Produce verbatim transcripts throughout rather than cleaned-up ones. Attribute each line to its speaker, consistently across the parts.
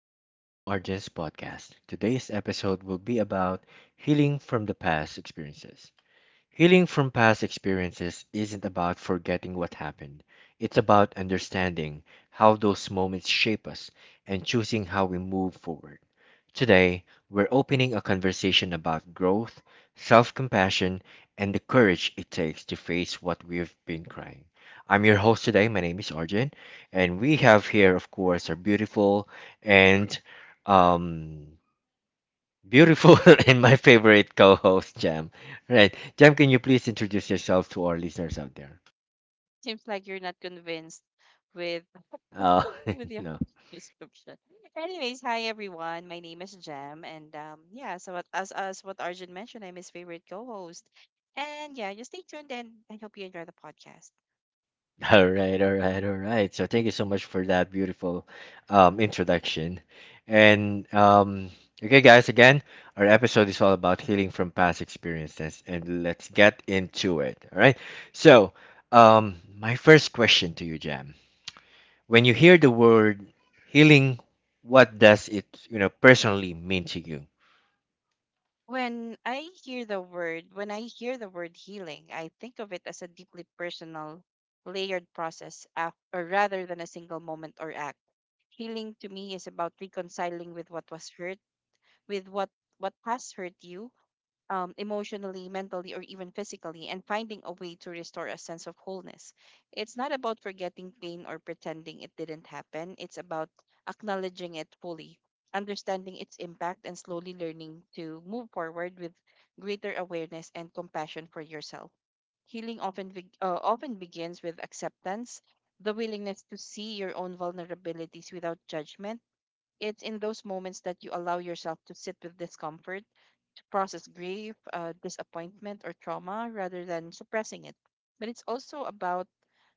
Speaker 1: Welcome to R J's podcast. Today's episode will be about healing from the past experiences. Healing from past experiences isn't about forgetting what happened. It's about understanding how those moments shape us and choosing how we move forward. Today, we're opening a conversation about growth, self compassion, and the courage it takes to face what we've been crying. I'm your host today. My name is Arjun, and we have here, of course, our beautiful and um, Beautiful and my favorite co-host, Jam. Right, Jam, can you please introduce yourself to our listeners out there?
Speaker 2: Seems like you're not convinced with
Speaker 1: Oh,
Speaker 2: with your
Speaker 1: no.
Speaker 2: description. Anyways, hi everyone. My name is Jem, and um, yeah. So what, as as what Arjun mentioned, I'm his favorite co-host, and yeah, just stay tuned and I hope you enjoy the podcast.
Speaker 1: All right, all right, all right. So thank you so much for that beautiful um, introduction. And um, Okay, guys, again, our episode is all about healing from past experiences, and let's get into it. All right. So, um, my first question to you, Jam. When you hear the word healing, what does it, you know, personally mean to you?
Speaker 2: When I hear the word, when I hear the word healing, I think of it as a deeply personal, layered process, af- or rather than a single moment or act. Healing to me is about reconciling with what was hurt, with what what has hurt you um, emotionally, mentally, or even physically, and finding a way to restore a sense of wholeness. It's not about forgetting pain or pretending it didn't happen, it's about acknowledging it fully, understanding its impact, and slowly learning to move forward with greater awareness and compassion for yourself. Healing often, be- uh, often begins with acceptance, the willingness to see your own vulnerabilities without judgment. It's in those moments that you allow yourself to sit with discomfort, process grief, uh, disappointment, or trauma rather than suppressing it. But it's also about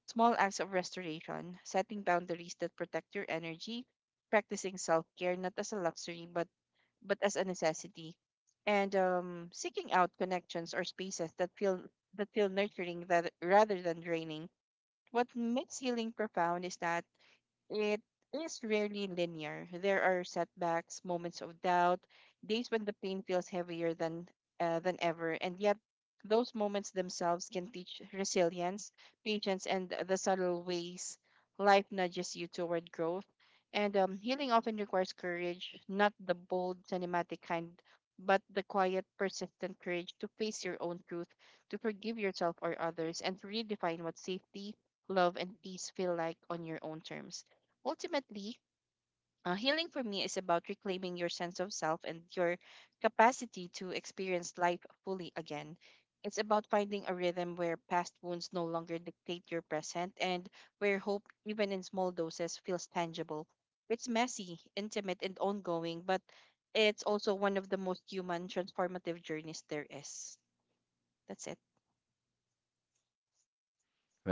Speaker 2: small acts of restoration, setting boundaries that protect your energy, practicing self care not as a luxury but, but as a necessity, and um, seeking out connections or spaces that feel that feel nurturing, that, rather than draining. What makes healing profound is that it is rarely linear. There are setbacks, moments of doubt, days when the pain feels heavier than uh, than ever, and yet those moments themselves can teach resilience, patience, and the subtle ways life nudges you toward growth. And um, Healing often requires courage, not the bold, cinematic kind, but the quiet, persistent courage to face your own truth, to forgive yourself or others, and to redefine what safety, love, and peace feel like on your own terms. Ultimately, uh, healing for me is about reclaiming your sense of self and your capacity to experience life fully again. It's about finding a rhythm where past wounds no longer dictate your present and where hope, even in small doses, feels tangible. It's messy, intimate, and ongoing, but it's also one of the most human transformative journeys there is. That's it.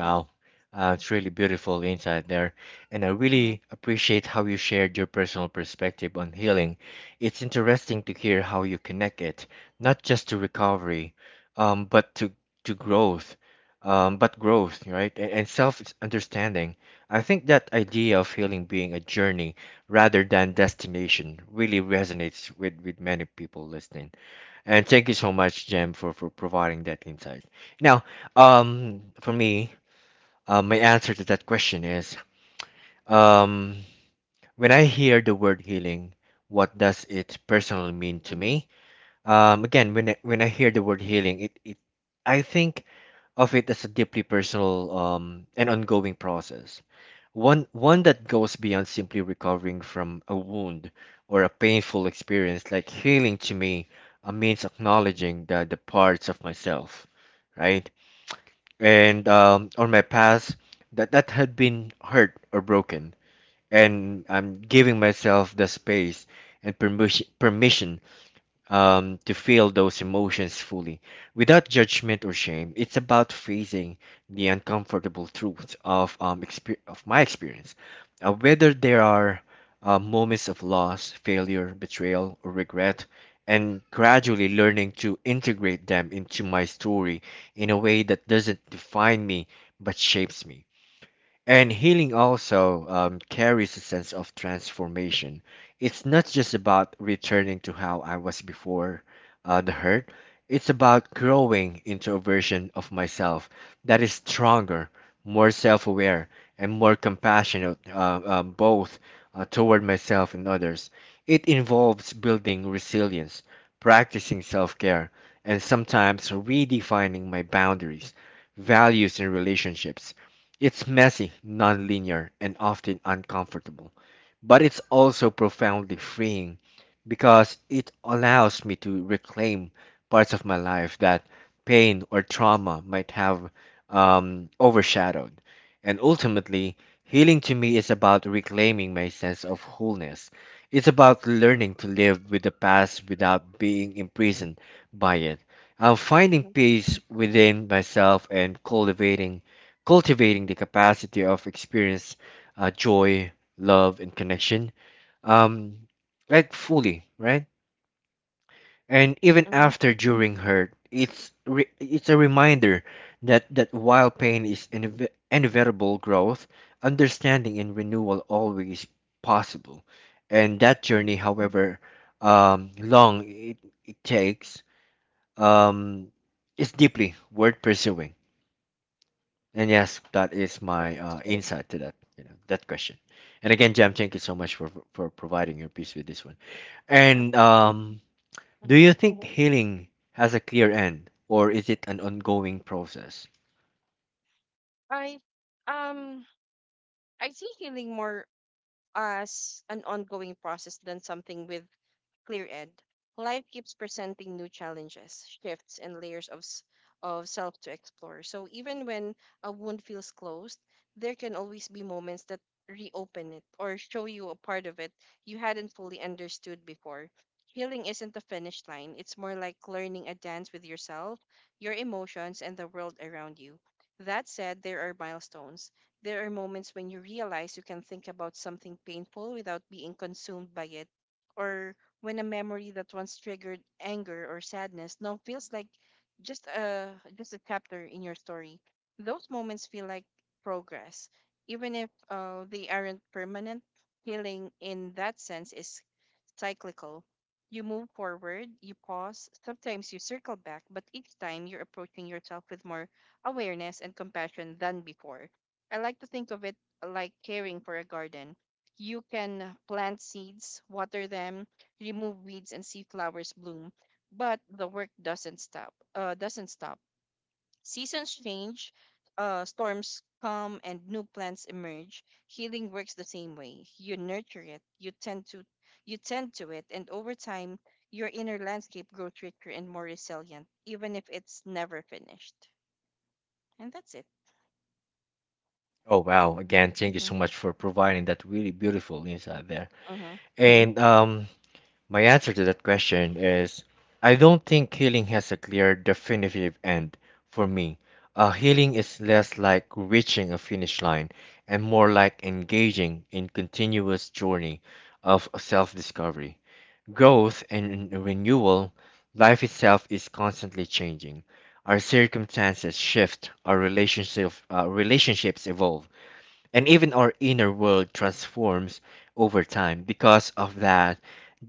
Speaker 2: Yeah.
Speaker 1: uh, it's really beautiful insight there. And I
Speaker 2: Mm-hmm.
Speaker 1: really appreciate how you shared your personal perspective on healing. It's interesting to hear how you connect it, not just to recovery, um, but to, to growth, um, but growth, right? And, and self-understanding. I think that idea of healing being a journey rather than destination really resonates with, with many people listening. And thank you so much, Jem, for, for providing that insight. Now, um, for me, uh, my answer to that question is um, when I hear the word healing, what does it personally mean to
Speaker 2: Mm-hmm.
Speaker 1: me? Um, again, when I, when I hear the word healing, it, it I think of it as a deeply personal um, and ongoing process. One one that goes beyond simply recovering from a wound or a painful experience. Like healing to me uh, means acknowledging the, the parts of myself, right? and um, or my past that that had been hurt or broken, and I'm giving myself the space and permission permission um, to feel those emotions fully without judgment or shame. It's about facing the uncomfortable truths of, um, exper- of my experience, uh, whether there are uh, moments of loss, failure, betrayal, or regret, and gradually learning to integrate them into my story in a way that doesn't define me but shapes me. And healing also um, carries a sense of transformation. It's not just about returning to how I was before uh, the hurt. It's about growing into a version of myself that is stronger, more self aware, and more compassionate, uh, um, both uh, toward myself and others. It involves building resilience, practicing self care, and sometimes redefining my boundaries, values, and relationships. It's messy, non-linear, and often uncomfortable, but it's also profoundly freeing because it allows me to reclaim parts of my life that pain or trauma might have um, overshadowed. And ultimately, healing to me is about reclaiming my sense of wholeness. It's about learning to live with the past without being imprisoned by it. I'm finding
Speaker 2: Mm-hmm.
Speaker 1: peace within myself and cultivating cultivating the capacity of experience, uh, joy, love, and connection, um, like fully, right? And even
Speaker 2: Mm-hmm.
Speaker 1: after, during hurt, it's re- it's a reminder that that while pain is inev- inevitable, growth, understanding, and renewal always possible. And that journey,
Speaker 2: Mm-hmm.
Speaker 1: however um, long it, it takes, um, is deeply worth pursuing. And yes, that is my uh,
Speaker 2: Right.
Speaker 1: insight to that, you know, that question. And again, Jam, thank you so much for for providing your piece with this one.
Speaker 2: Yeah.
Speaker 1: And um, Do
Speaker 2: Mm-hmm.
Speaker 1: you think healing has a clear end, or is it an ongoing process?
Speaker 2: I um I see healing more as an ongoing process than something with Clear Ed. Life keeps presenting new challenges, shifts, and layers of, s- of self to explore. So even when a wound feels closed, there can always be moments that reopen it or show you a part of it you hadn't fully understood before. Healing isn't a finish line, it's more like learning a dance with yourself, your emotions, and the world around you. That said, there are milestones. There are moments when you realize you can think about something painful without being consumed by it, or when a memory that once triggered anger or sadness now feels like just a just a chapter in your story. Those moments feel like progress, even if uh, they aren't permanent. Healing in that sense is cyclical. You move forward, you pause, sometimes you circle back, but each time you're approaching yourself with more awareness and compassion than before. I like to think of it like caring for a garden. You can plant seeds, water them, remove weeds, and see flowers bloom. But the work doesn't stop. Uh, doesn't stop. Seasons change, uh, storms come, and new plants emerge. Healing works the same way. You nurture it, you tend to, you tend to it, and over time, your inner landscape grows richer and more resilient, even if it's never finished. And that's it.
Speaker 1: Oh wow! Again, thank you so much for providing that really beautiful insight there.
Speaker 2: Mm-hmm.
Speaker 1: And um, My answer to that question is I don't think healing has a clear, definitive end for me. Uh, healing is less like reaching a finish line and more like engaging in continuous journey of self-discovery. Growth and renewal, life itself is constantly changing. Our circumstances shift, our relationship, uh, relationships evolve, and even our inner world transforms over time. Because of that,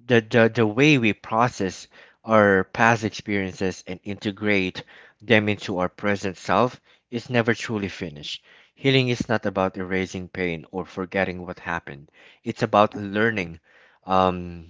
Speaker 1: the, the, the way we process our past experiences and integrate them into our present self is never truly finished. Healing is not about erasing pain or forgetting what happened. It's about learning um,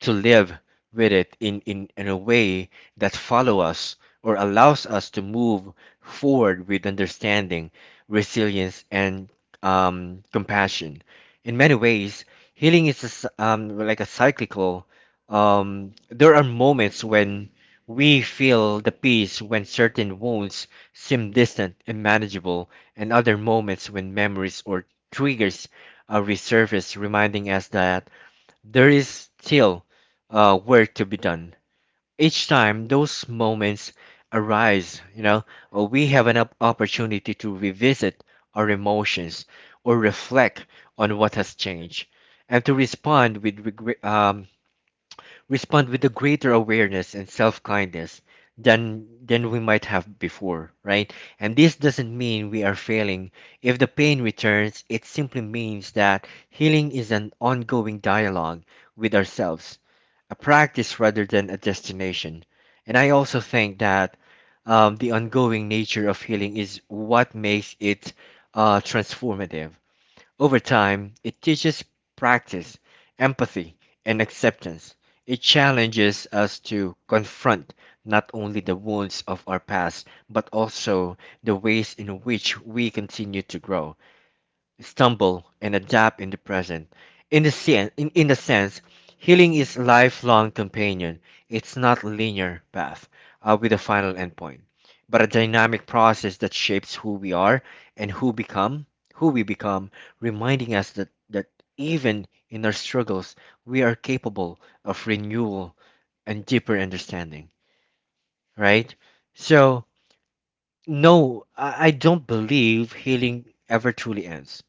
Speaker 1: to live with it in, in, in a way that follow us or allows us to move forward with understanding, resilience, and um, compassion. In many ways, healing is a s um, like a cyclical. Um, there are moments when we feel the peace when certain wounds seem distant and manageable, and other moments when memories or triggers uh, resurface, reminding us that there is still uh, work to be done. Each time those moments arise, you know, uh, we have an op- opportunity to revisit our emotions or reflect on what has changed, and to respond with regret, respond with a greater awareness and self-kindness than than we might have before, right? And this doesn't mean we are failing if the pain returns. It simply means that healing is an ongoing dialogue with ourselves, a practice rather than a destination. And I also think that um, the ongoing nature of healing is what makes it uh, transformative. Over time, it teaches practice, empathy, and acceptance. It challenges us to confront not only the wounds of our past, but also the ways in which we continue to grow, stumble, and adapt in the present. In the sense, in, in the sense, healing is a lifelong companion. It's not a linear path uh, with a final endpoint, but a dynamic process that shapes who we are and who become, who we become, reminding us that that even in our struggles, we are capable of renewal and deeper understanding. Right? So, no, I, I don't believe healing ever truly ends,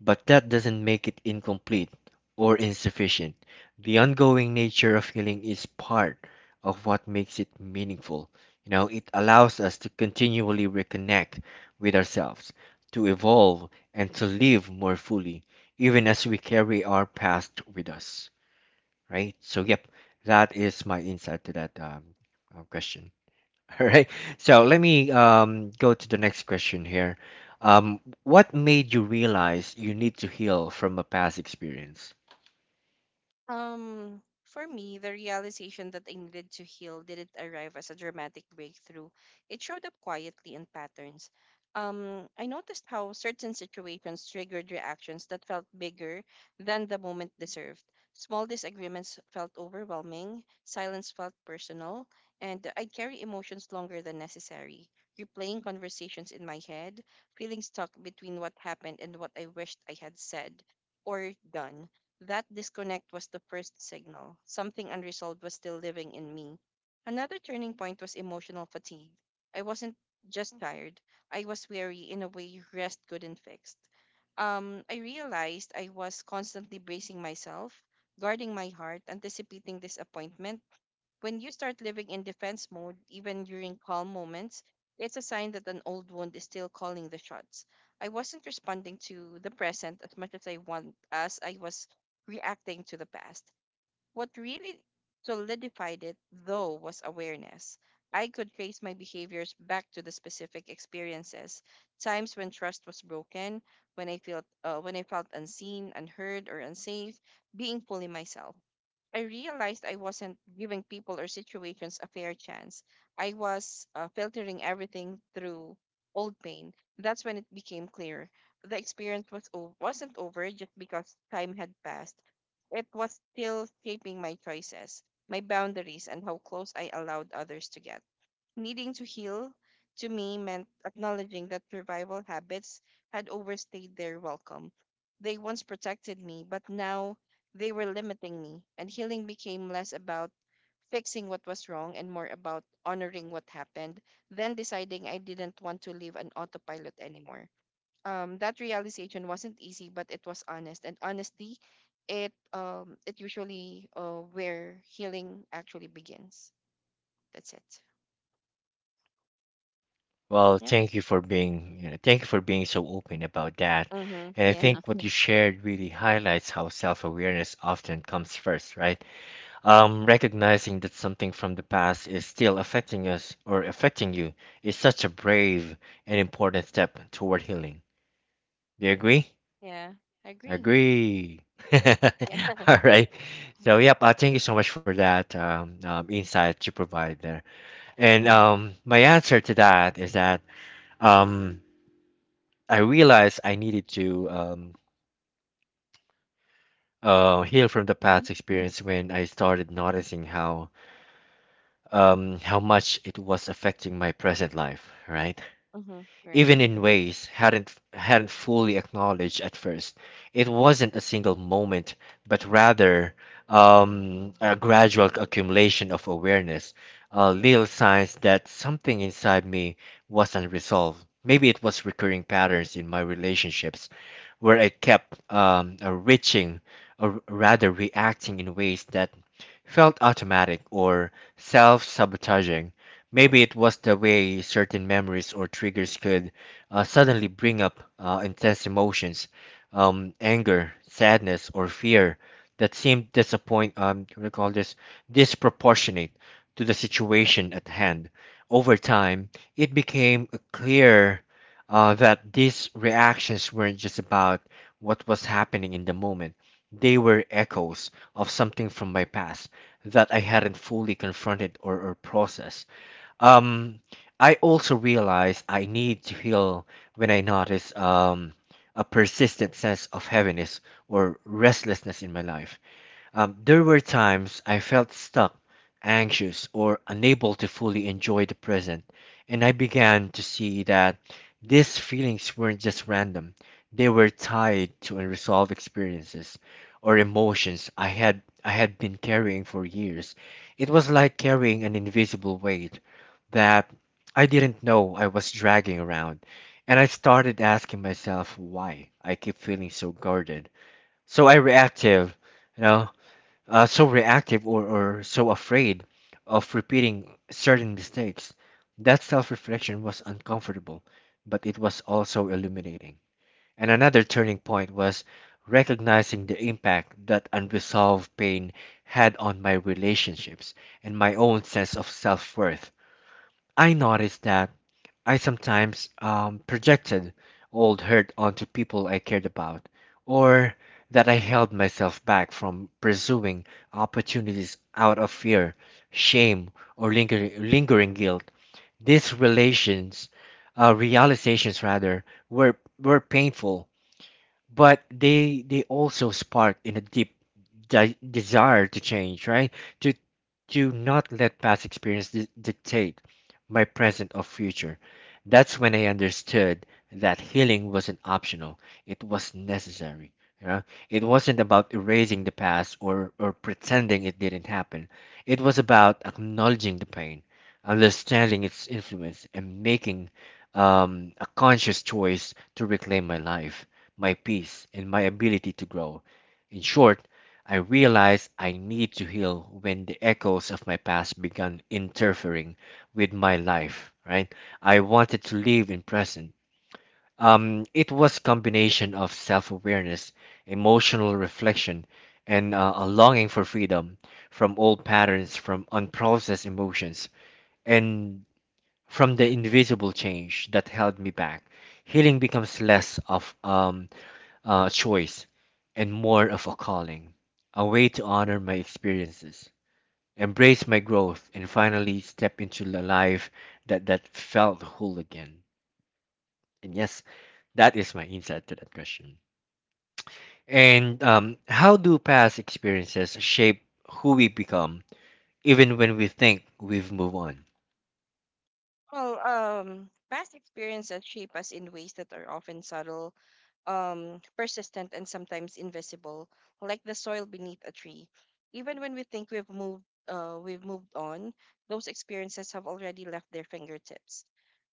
Speaker 1: but that doesn't make it incomplete or insufficient. The ongoing nature of healing is part of what makes it meaningful. You know, it allows us to continually reconnect with ourselves, to evolve, and to live more fully, even as we carry our past with us. Right? So, yep, that is my insight to that um, uh, question. All right. So let me um, go to the next question here. Um, what made you realize you need to heal from a past experience?
Speaker 2: Um, for me, the realization that I needed to heal didn't arrive as a dramatic breakthrough. It showed up quietly in patterns. Um, I noticed how certain situations triggered reactions that felt bigger than the moment deserved. Small disagreements felt overwhelming, silence felt personal, and I'd carry emotions longer than necessary, replaying conversations in my head, feeling stuck between what happened and what I wished I had said or done. That disconnect was the first signal. Something unresolved was still living in me. Another turning point was emotional fatigue. I wasn't just tired, I was weary in a way rest couldn't fix. Um, I realized I was constantly bracing myself, guarding my heart, anticipating disappointment. When you start living in defense mode, even during calm moments, it's a sign that an old wound is still calling the shots. I wasn't responding to the present as much as I want as I was reacting to the past. What really solidified it, though, was awareness. I could trace my behaviors back to the specific experiences, times when trust was broken, when I felt uh, when I felt unseen, unheard, or unsafe, being fully myself. I realized I wasn't giving people or situations a fair chance. I was uh, filtering everything through old pain. That's when it became clear the experience was o- wasn't over just because time had passed. It was still shaping my choices, my boundaries, and how close I allowed others to get. Needing to heal, to me, meant acknowledging that survival habits had overstayed their welcome. They once protected me, but now they were limiting me, and healing became less about fixing what was wrong and more about honoring what happened, then deciding I didn't want to live on autopilot anymore. Um, that realization wasn't easy, but it was honest. And honestly, it um, it usually uh, where healing actually begins. That's it.
Speaker 1: Well,
Speaker 2: Yeah.
Speaker 1: thank you for being, you know, thank you for being so open about that.
Speaker 2: Mm-hmm.
Speaker 1: And I
Speaker 2: Yeah.
Speaker 1: think what you. You shared really highlights how self-awareness often comes first, right? Um, recognizing that something from the past is still affecting us or affecting you is such a brave and important step toward healing. Do you agree?
Speaker 2: Yeah. I agree.
Speaker 1: Agree.
Speaker 2: Yeah.
Speaker 1: All right. So, yep, uh, thank you so much for that um, um, insight you provided there. And
Speaker 2: Mm-hmm.
Speaker 1: um, My answer to that is that um, I realized I needed to um, uh, heal from the
Speaker 2: Mm-hmm.
Speaker 1: past experience when I started noticing how um, how much it was affecting my present life, right?
Speaker 2: Mm-hmm.
Speaker 1: Even
Speaker 2: Great.
Speaker 1: in ways hadn't hadn't fully acknowledged at first. It wasn't a single moment, but rather um, a gradual accumulation of awareness, uh, little signs that something inside me was unresolved. Maybe it was recurring patterns in my relationships, where I kept um, uh, reaching, or rather reacting in ways that felt automatic or self-sabotaging. Maybe it was the way certain memories or triggers could uh, suddenly bring up uh, intense emotions, um, anger, sadness, or fear that seemed disappoint. Um, what do you call this, disproportionate to the situation at hand. Over time, it became clear uh, that these reactions weren't just about what was happening in the moment. They were echoes of something from my past that I hadn't fully confronted or, or processed. Um, I also realize I need to heal when I notice um, a persistent sense of heaviness or restlessness in my life. Um, there were times I felt stuck, anxious, or unable to fully enjoy the present, and I began to see that these feelings weren't just random. They were tied to unresolved experiences or emotions I had I had been carrying for years. It was like carrying an invisible weight that I didn't know I was dragging around, and I started asking myself why I keep feeling so guarded, so I reactive, you know, uh, so reactive or, or so afraid of repeating certain mistakes. That self reflection was uncomfortable, but it was also illuminating. And another turning point was recognizing the impact that unresolved pain had on my relationships and my own sense of self worth. I noticed that I sometimes um, projected old hurt onto people I cared about, or that I held myself back from pursuing opportunities out of fear, shame, or lingering, lingering guilt. These relations, uh, realizations rather, were were painful but they they also spark in a deep de- desire to change, right? to to not let past experience di- dictate my present or future. That's when I understood that healing wasn't optional, it was necessary, you know? It wasn't about erasing the past or or pretending it didn't happen. It was about acknowledging the pain, understanding its influence, and making um, a conscious choice to reclaim my life, my peace, and my ability to grow. In short, I realized I need to heal when the echoes of my past began interfering with my life, right? I wanted to live in present. Um, it was combination of self-awareness, emotional reflection, and uh, a longing for freedom from old patterns, from unprocessed emotions, and from the invisible change that held me back. Healing becomes less of um, uh, choice and more of a calling, a way to honor my experiences, embrace my growth, and finally step into a life that, that felt whole again. And yes, that is my insight to that question. And um, how do past experiences shape who we become, even when we think we've moved on?
Speaker 2: Well, um, past experiences shape us in ways that are often subtle, um, persistent and sometimes invisible, like the soil beneath a tree. Even when we think we've moved, uh, we've moved on, those experiences have already left their fingertips,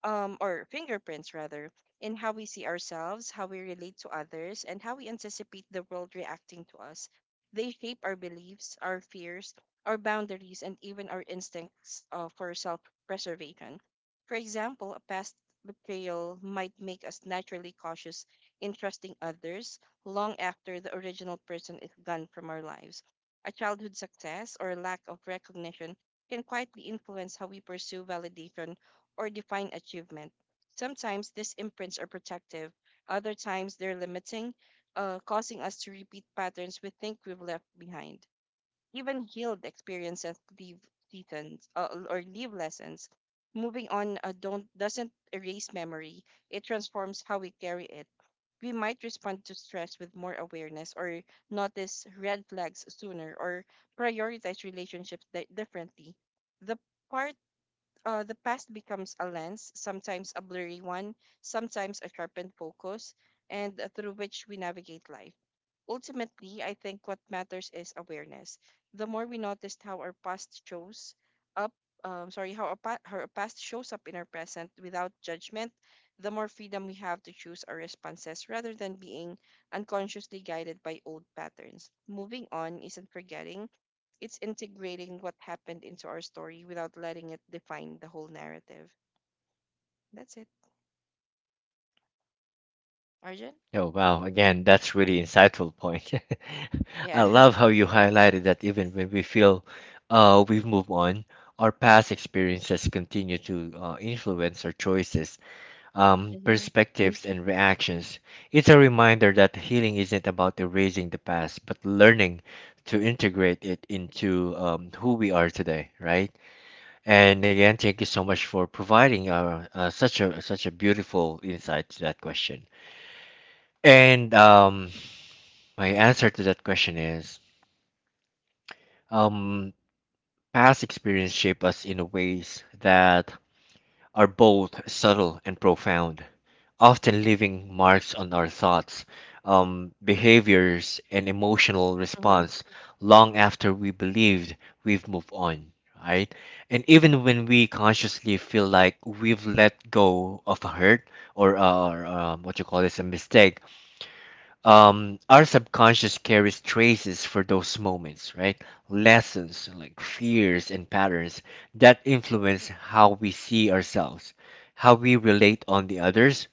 Speaker 2: um, or fingerprints rather, in how we see ourselves, how we relate to others, and how we anticipate the world reacting to us. They shape our beliefs, our fears, our boundaries, and even our instincts uh, for self preservation. For example, a past betrayal might make us naturally cautious interesting others long after the original person is gone from our lives. A childhood success or lack of recognition can quietly influence how we pursue validation or define achievement. Sometimes these imprints are protective, other times they're limiting, uh, causing us to repeat patterns we think we've left behind. Even healed experiences leave lessons uh, or leave lessons. Moving on uh, don't doesn't erase memory; it transforms how we carry it. We might respond to stress with more awareness, or notice red flags sooner, or prioritize relationships di- differently. The part uh, the past becomes a lens, sometimes a blurry one, sometimes a sharpened focus, and uh, through which we navigate life. Ultimately, I think what matters is awareness. The more we notice how our past shows up, um, sorry, how our, pa- how our past shows up in our present without judgment, the more freedom we have to choose our responses rather than being unconsciously guided by old patterns. Moving on isn't forgetting, it's integrating what happened into our story without letting it define the whole narrative. That's it. Arjun?
Speaker 1: Oh, wow. Again, that's really insightful point. I
Speaker 2: Yeah.
Speaker 1: love how you highlighted that even when we feel uh, we've moved on, our past experiences continue to uh, influence our choices, um,
Speaker 2: Mm-hmm.
Speaker 1: perspectives, and reactions. It's a reminder that healing isn't about erasing the past, but learning to integrate it into um, who we are today, right? And again, thank you so much for providing uh, uh, such a such a beautiful insight to that question. And um, my answer to that question is um, past experience shape us in ways that are both subtle and profound, often leaving marks on our thoughts, um, behaviors, and emotional
Speaker 2: Mm-hmm.
Speaker 1: response long after we believed we've moved on, right? And even when we consciously feel like we've let go of a hurt or, uh, or um, what you call this, a mistake, um, our subconscious carries traces for those moments, right? Lessons like fears and patterns that influence how we see ourselves, how we relate on the others,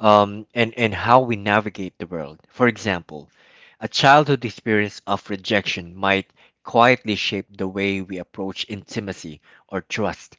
Speaker 1: um, and, and how we navigate the world. For example, a childhood experience of rejection might quietly shape the way we approach intimacy or trust,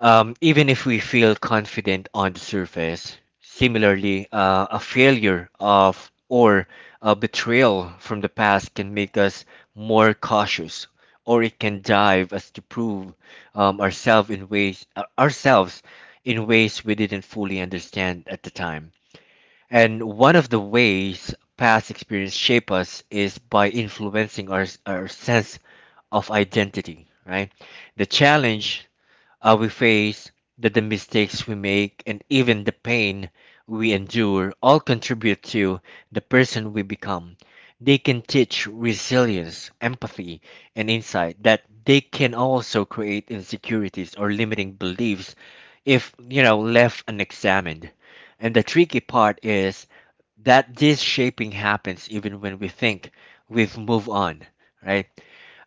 Speaker 1: um, even if we feel confident on the surface. Similarly, uh, a failure of or a betrayal from the past can make us more cautious, or it can drive us to prove um, ourselves in ways uh, ourselves in ways we didn't fully understand at the time. And one of the ways past experience shape us is by influencing our, our sense of identity, right? The challenge uh, we face, that the mistakes we make, and even the pain we endure all contribute to the person we become. They can teach resilience, empathy, and insight that they can also create insecurities or limiting beliefs if, you know, left unexamined. And the tricky part is that this shaping happens even when we think we've moved on, right?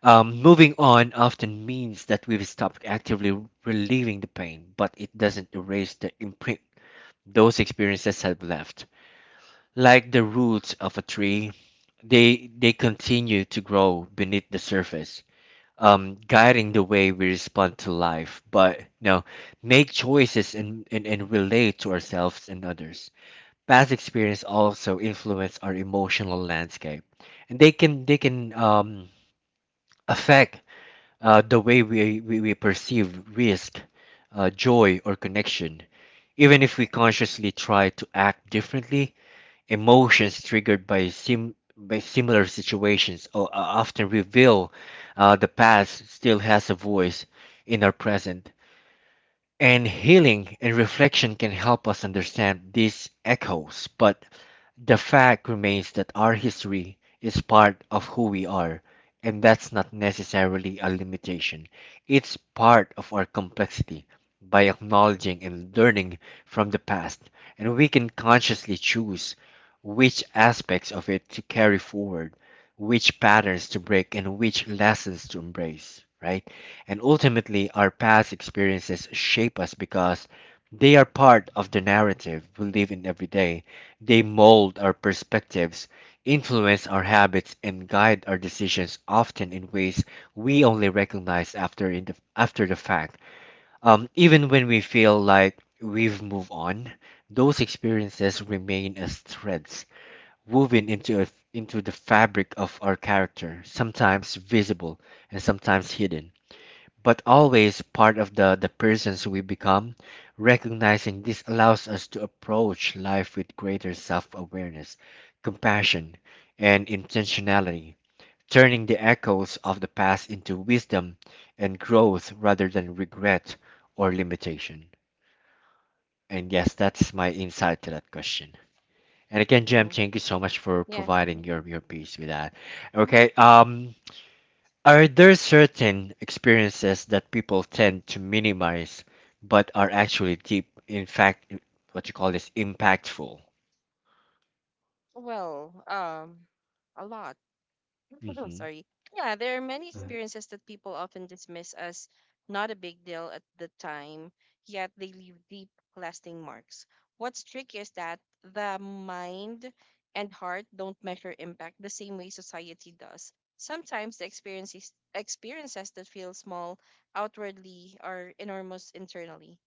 Speaker 1: Um, moving on often means that we've stopped actively relieving the pain, but it doesn't erase the imprint those experiences have left. Like the roots of a tree, they they continue to grow beneath the surface, um, guiding the way we respond to life, but you know, make choices and, and, and relate to ourselves and others. Past experience also influence our emotional landscape, and they can they can um, affect uh, the way we, we, we perceive risk, uh, joy, or connection. Even if we consciously try to act differently, emotions triggered by, sim- by similar situations o- uh, often reveal uh, the past still has a voice in our present. And healing and reflection can help us understand these echoes, but the fact remains that our history is part of who we are, and that's not necessarily a limitation. It's part of our complexity. By acknowledging and learning from the past, and we can consciously choose which aspects of it to carry forward, which patterns to break, and which lessons to embrace, right? And ultimately, our past experiences shape us because they are part of the narrative we live in every day. They mold our perspectives, influence our habits, and guide our decisions often in ways we only recognize after, in the, after the fact. Um, even when we feel like we've moved on, those experiences remain as threads woven into, a, into the fabric of our character, sometimes visible and sometimes hidden but always part of the, the persons we become. Recognizing this allows us to approach life with greater self awareness, compassion, and intentionality, turning the echoes of the past into wisdom and growth rather than regret or limitation. And yes, that's my insight to that question. And again, Jem,
Speaker 2: hmm
Speaker 1: thank you so much for
Speaker 2: Yeah.
Speaker 1: providing your, your piece with that.
Speaker 2: hmm
Speaker 1: Okay, um, are there certain experiences that people tend to minimize but are actually deep, in fact, i- what you call this, impactful?
Speaker 2: Well, um, a lot. I'm
Speaker 1: Hmm.
Speaker 2: sorry. Yeah, there are many experiences that people often dismiss as not a big deal at the time, yet they leave deep, lasting marks. What's tricky is that the mind and heart don't measure impact the same way society does. Sometimes the experiences experiences that feel small outwardly are enormous internally.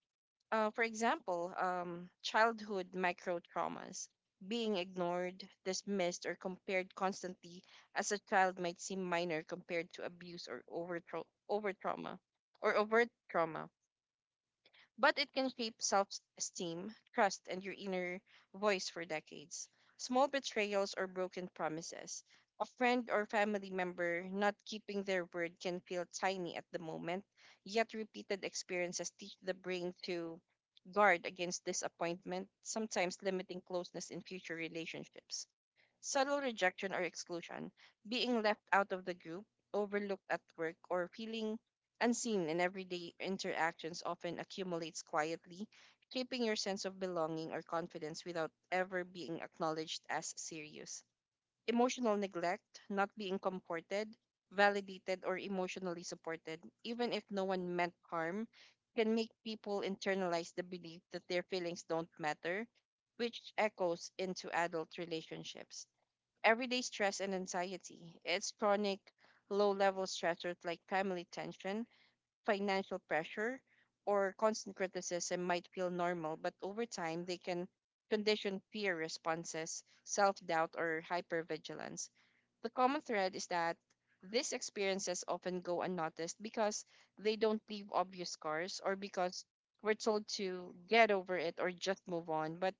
Speaker 2: Uh, for example, um, childhood micro traumas. Being ignored, dismissed, or compared constantly as a child might seem minor compared to abuse or over, tra- over trauma or overt trauma, but it can shape self esteem, trust, and your inner voice for decades. Small betrayals or broken promises, a friend or family member not keeping their word, can feel tiny at the moment, yet repeated experiences teach the brain to guard against disappointment, sometimes limiting closeness in future relationships. Subtle rejection or exclusion, being left out of the group, overlooked at work, or feeling unseen in everyday interactions, often accumulates quietly, shaping your sense of belonging or confidence without ever being acknowledged as serious. Emotional neglect, not being comforted, validated, or emotionally supported, even if no one meant harm, can make people internalize the belief that their feelings don't matter, which echoes into adult relationships. Everyday stress and anxiety: it's chronic low level stressors like family tension, financial pressure, or constant criticism might feel normal, but over time they can condition fear responses, self doubt, or hypervigilance. The common thread is that these experiences often go unnoticed because they don't leave obvious scars, or because we're told to get over it or just move on. But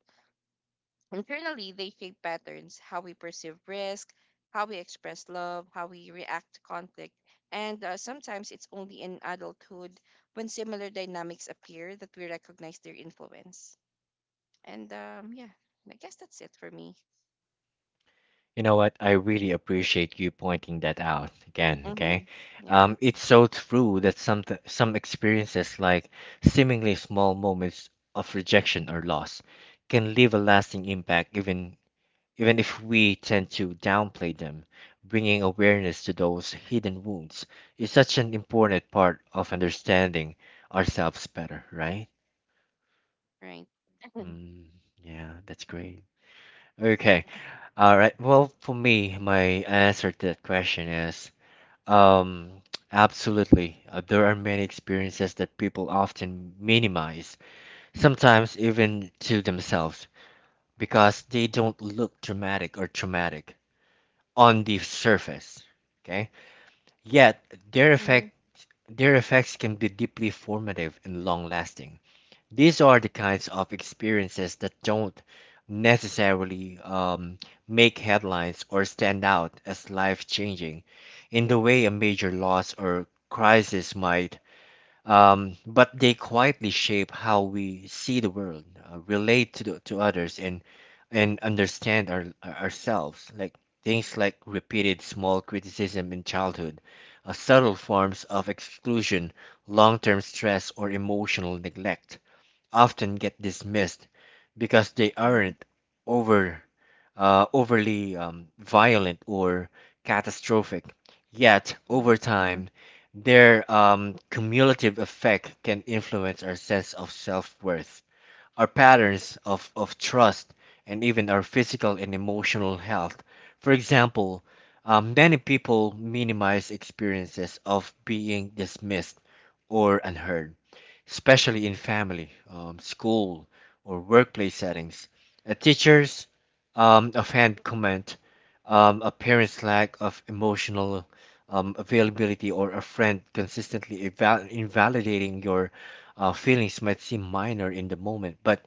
Speaker 2: internally, they shape patterns: how we perceive risk, how we express love, how we react to conflict, and uh, sometimes it's only in adulthood when similar dynamics appear that we recognize their influence. And um, yeah, I guess that's it for me.
Speaker 1: You know what? I really appreciate you pointing that out again,
Speaker 2: Mm-hmm.
Speaker 1: okay?
Speaker 2: Yeah,
Speaker 1: Um, it's so true that some th- some experiences like seemingly small moments of rejection or loss can leave a lasting impact even even if we tend to downplay them. Bringing awareness to those hidden wounds is such an important part of understanding ourselves better, right?
Speaker 2: right. Mm-hmm,
Speaker 1: Mm, yeah, that's great. Okay, all right. Well, for me, my answer to that question is um, absolutely. Uh, there are many experiences that people often minimize, sometimes even to themselves, because they don't look dramatic or traumatic on the surface. Okay, yet, their
Speaker 2: mm-hmm,
Speaker 1: effect their effects can be deeply formative and long-lasting. These are the kinds of experiences that don't necessarily um, make headlines or stand out as life-changing in the way a major loss or crisis might, um, but they quietly shape how we see the world, uh, relate to the, to others, and and understand our ourselves. Like things like repeated small criticism in childhood, uh, subtle forms of exclusion, long-term stress, or emotional neglect often get dismissed because they
Speaker 2: mm-hmm,
Speaker 1: aren't over uh, overly um, violent or catastrophic. Yet, over time, their um, cumulative effect can influence our sense of self worth, our patterns of, of trust, and even our physical and emotional health. For example, um, many people minimize experiences of being dismissed or unheard, especially in family, um, school, or workplace settings. A teacher's um, offhand comment, um, a parent's lack of emotional um, availability, or a friend consistently eval- invalidating your uh, feelings might seem minor in the moment, but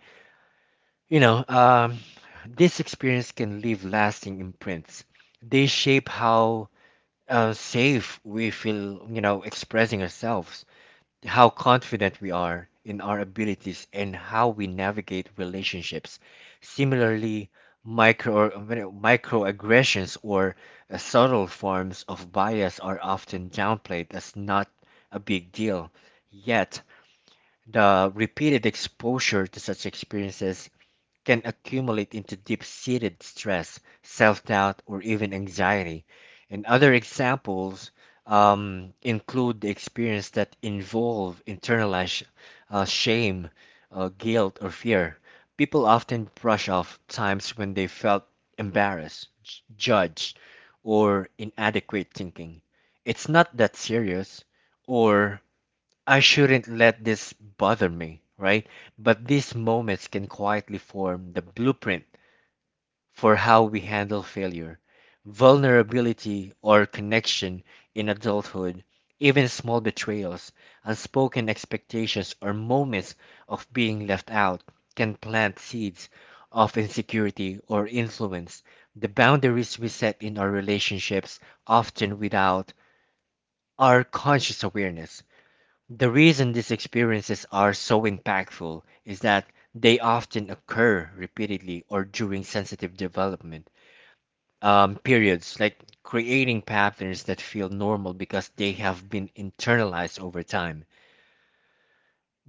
Speaker 1: you know, um, this experience can leave lasting imprints. They shape how uh, safe we feel, you know, expressing ourselves, how confident we are in our abilities, and how we navigate relationships. Similarly, micro microaggressions or uh, subtle forms of bias are often downplayed as not a big deal. Yet, the repeated exposure to such experiences can accumulate into deep seated stress, self doubt, or even anxiety. And other examples um, include the experience that involve internalized uh, shame, uh, guilt, or fear. People often brush off times when they felt embarrassed, j- judged, or inadequate thinking. It's not that serious, or I shouldn't let this bother me, right? But these moments can quietly form the blueprint for how we handle failure, vulnerability, or connection in adulthood. Even small betrayals, unspoken expectations, or moments of being left out can plant seeds of insecurity or influence. The boundaries we set in our relationships, often without our conscious awareness, the reason these experiences are so impactful is that they often occur repeatedly or during sensitive development um, periods, like creating patterns that feel normal because they have been internalized over time.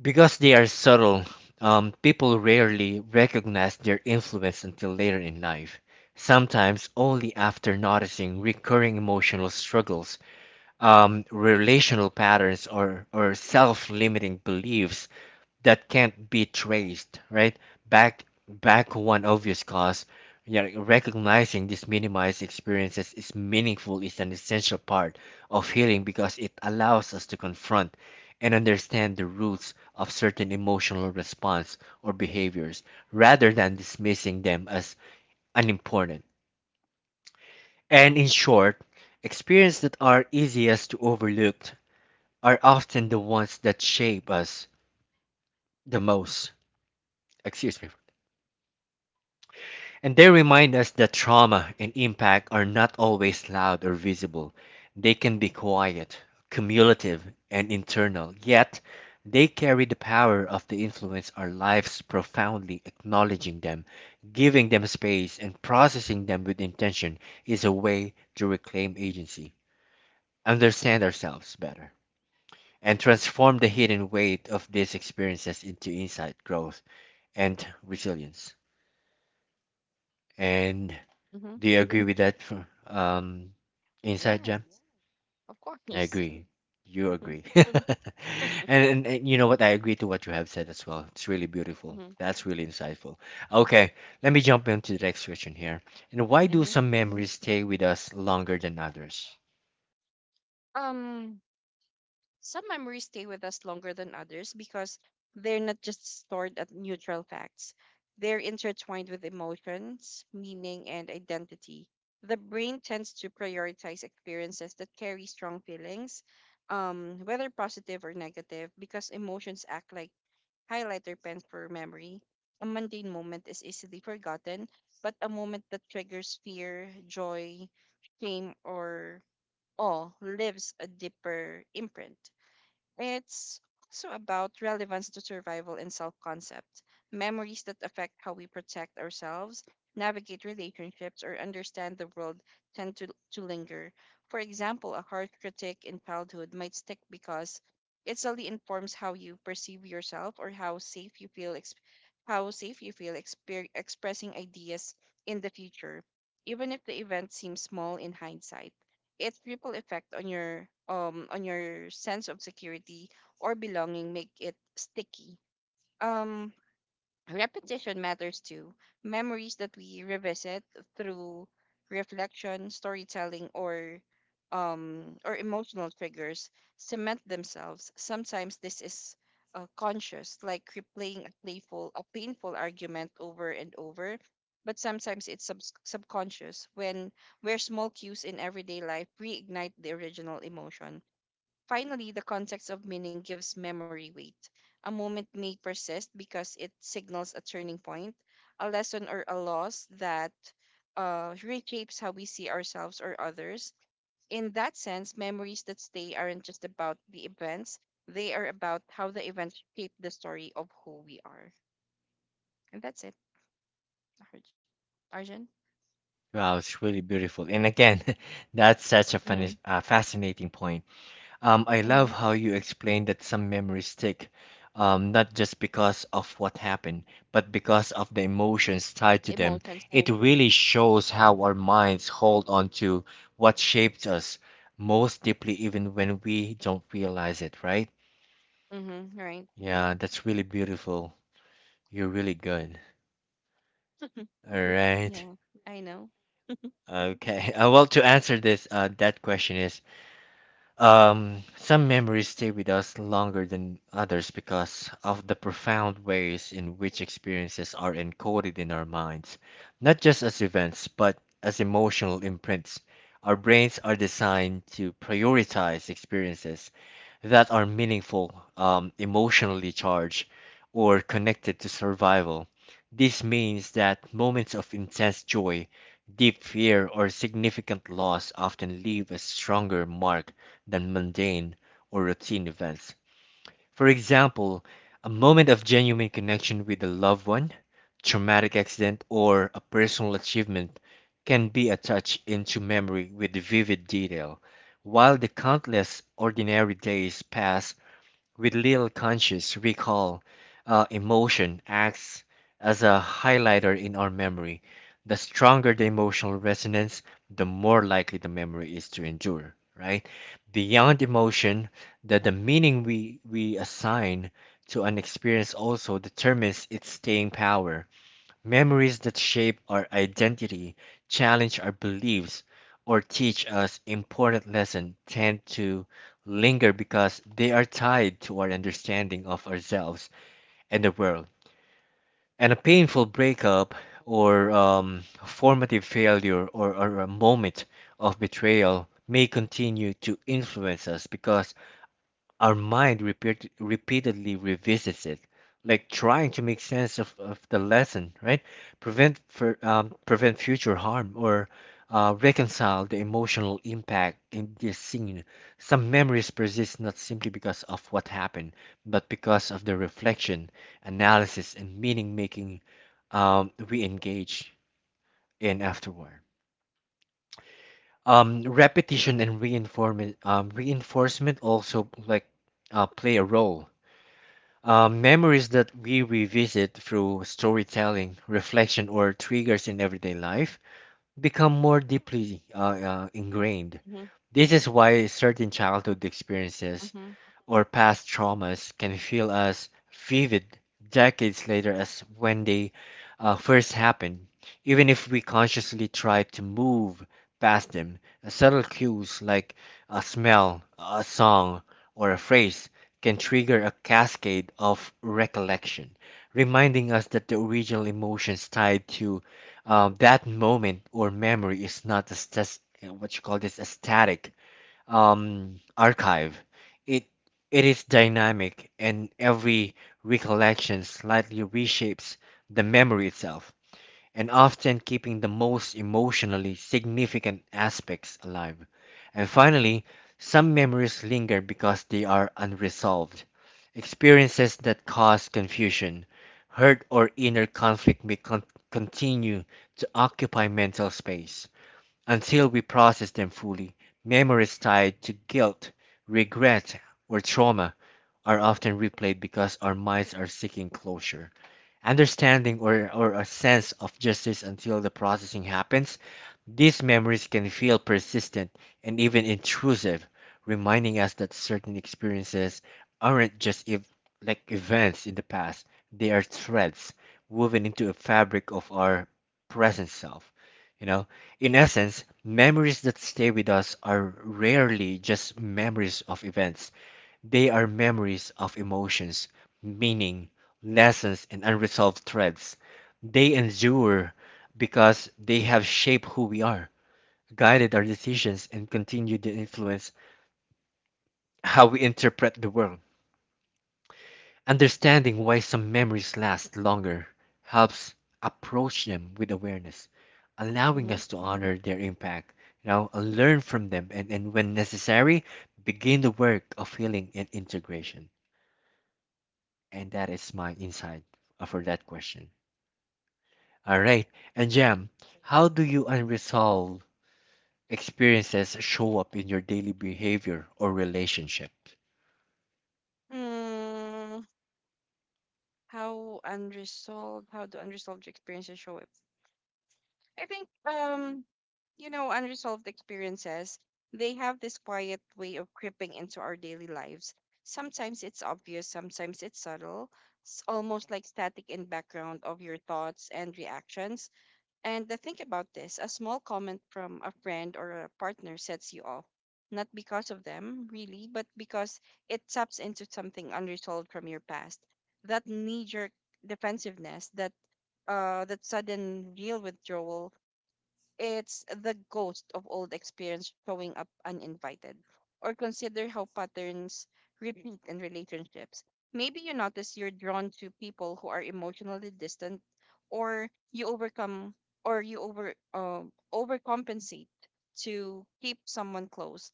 Speaker 1: Because they are subtle, um, people rarely recognize their influence until later in life, sometimes only after noticing recurring emotional struggles, um, relational patterns, or, or self-limiting beliefs that can't be traced right back back one obvious cause. You know, recognizing these minimized experiences is meaningful, is an essential part of healing because it allows us to confront and understand the roots of certain emotional response or behaviors rather than dismissing them as unimportant. And in short, experiences that are easiest to overlook are often the ones that shape us the most. Excuse me. And they remind us that trauma and impact are not always loud or visible. They can be quiet, cumulative, and internal, yet they carry the power of the influence our lives profoundly. Acknowledging them, giving them space, and processing them with intention is a way to reclaim agency, understand ourselves better, and transform the hidden weight of these experiences into insight, growth, and resilience. And
Speaker 2: mm-hmm.
Speaker 1: do you agree with that fr- um, insight,
Speaker 2: Yes,
Speaker 1: Jam?
Speaker 2: of
Speaker 1: I
Speaker 2: course.
Speaker 1: agree. You
Speaker 2: Mm-hmm,
Speaker 1: agree. and,
Speaker 2: mm-hmm,
Speaker 1: and, and you know what? I agree to what you have said as well. It's really beautiful. That's really insightful. Okay, let me jump into the next question here. And why do
Speaker 2: mm-hmm.
Speaker 1: some memories stay with us longer than others?
Speaker 2: Um, Some memories stay with us longer than others because they're not just stored at neutral facts. They're intertwined with emotions, meaning, and identity. The brain tends to prioritize experiences that carry strong feelings, um, whether positive or negative, because emotions act like highlighter pens for memory. A mundane moment is easily forgotten, but a moment that triggers fear, joy, shame, or awe lives a deeper imprint. It's also about relevance to survival and self concept. Memories that affect how we protect ourselves, navigate relationships, or understand the world tend to, to linger. For example, a harsh critique in childhood might stick because it solely informs how you perceive yourself or how safe you feel exp- how safe you feel exper- expressing ideas in the future. Even if the event seems small in hindsight, its ripple effect on your um on your sense of security or belonging make it sticky. Um Repetition matters too. Memories that we revisit through reflection, storytelling, or um, or emotional triggers cement themselves. Sometimes this is uh, conscious, like replaying a playful, a painful argument over and over. But sometimes it's sub- subconscious, when where small cues in everyday life reignite the original emotion. Finally, the context of meaning gives memory weight. A moment may persist because it signals a turning point, a lesson, or a loss that uh, reshapes how we see ourselves or others. In that sense, memories that stay aren't just about the events; they are about how the events shape the story of who we are. And that's it, Arj- Arjun.
Speaker 1: Wow, it's really beautiful. And again, that's such a, fun,
Speaker 2: Mm-hmm.
Speaker 1: uh, fascinating point. Um, I
Speaker 2: Mm-hmm.
Speaker 1: love how you explain that some memories stick, um, not just because of what happened, but because of the emotions tied to them.
Speaker 2: Emotions, yeah.
Speaker 1: It really shows how our minds hold on to what shaped us most deeply, even when we don't realize it, right?
Speaker 2: Mm-hmm. Right.
Speaker 1: Yeah, that's really beautiful. You're really good. All right.
Speaker 2: Yeah, I know.
Speaker 1: Okay. Uh, well, to answer this, uh, that question is... Um, some memories stay with us longer than others because of the profound ways in which experiences are encoded in our minds, not just as events, but as emotional imprints. Our brains are designed to prioritize experiences that are meaningful, um, emotionally charged, or connected to survival. This means that moments of intense joy, deep fear, or significant loss often leave a stronger mark than mundane or routine events. For example, a moment of genuine connection with a loved one, traumatic accident, or a personal achievement can be attached into memory with vivid detail, while the countless ordinary days pass with little conscious recall. Uh, emotion acts as a highlighter in our memory. The stronger the emotional resonance, the more likely the memory is to endure, right? Beyond emotion, that the meaning we, we assign to an experience also determines its staying power. Memories that shape our identity, challenge our beliefs, or teach us important lessons tend to linger because they are tied to our understanding of ourselves and the world. And a painful breakup, or um, formative failure, or, or a moment of betrayal may continue to influence us because our mind repeat, repeatedly revisits it, like trying to make sense of, of the lesson, right? Prevent for, um, prevent future harm or uh, reconcile the emotional impact in this scene. Some memories persist not simply because of what happened, but because of the reflection, analysis, and meaning making um, we engage in afterward. Um, repetition and reinforcement, um, reinforcement also like uh, play a role. Uh, memories that we revisit through storytelling, reflection, or triggers in everyday life become more deeply uh, uh, ingrained.
Speaker 2: Mm-hmm.
Speaker 1: This is why certain childhood experiences
Speaker 2: Mm-hmm.
Speaker 1: or past traumas can feel as vivid decades later as when they uh, first happened, even if we consciously try to move past them. Uh, Subtle cues like a smell, a song, or a phrase can trigger a cascade of recollection, reminding us that the original emotions tied to um, that moment or memory is not a stas- what you call this, a static um, archive. It it is dynamic, and every recollection slightly reshapes the memory itself, and often keeping the most emotionally significant aspects alive. And finally, some memories linger because they are unresolved. Experiences that cause confusion, hurt, or inner conflict may con- continue to occupy mental space until we process them fully. Memories tied to guilt, regret, or trauma are often replayed because our minds are seeking closure, understanding, or, or a sense of justice until the processing happens. These memories can feel persistent and even intrusive, reminding us that certain experiences aren't just ev- like events in the past, they are threads woven into a fabric of our present self. You know, in essence, memories that stay with us are rarely just memories of events, they are memories of emotions, meaning, lessons, and unresolved threads. They endure because they have shaped who we are, guided our decisions, and continued to influence how we interpret the world. Understanding why some memories last longer helps approach them with awareness, allowing
Speaker 2: Mm-hmm.
Speaker 1: us to honor their impact, you know, and learn from them, and, and when necessary, begin the work of healing and integration. And that is my insight uh, for that question. All right. And
Speaker 2: Right.
Speaker 1: Jam, how do you unresolved experiences show up in your daily behavior or relationship?
Speaker 2: Hmm, how unresolved, how do unresolved experiences show up? I think, um, you know, unresolved experiences, they have this quiet way of creeping into our daily lives. Sometimes it's obvious, sometimes it's subtle. It's almost like static in background of your thoughts and reactions. And the think about this: a small comment from a friend or a partner sets you off, not because of them, really, but because it taps into something unresolved from your past. That knee jerk defensiveness, that, uh, that sudden real withdrawal, it's the ghost of old experience showing up uninvited. Or consider how patterns repeat in relationships. Maybe you notice you're drawn to people who are emotionally distant, or you overcome or you over um, overcompensate to keep someone close.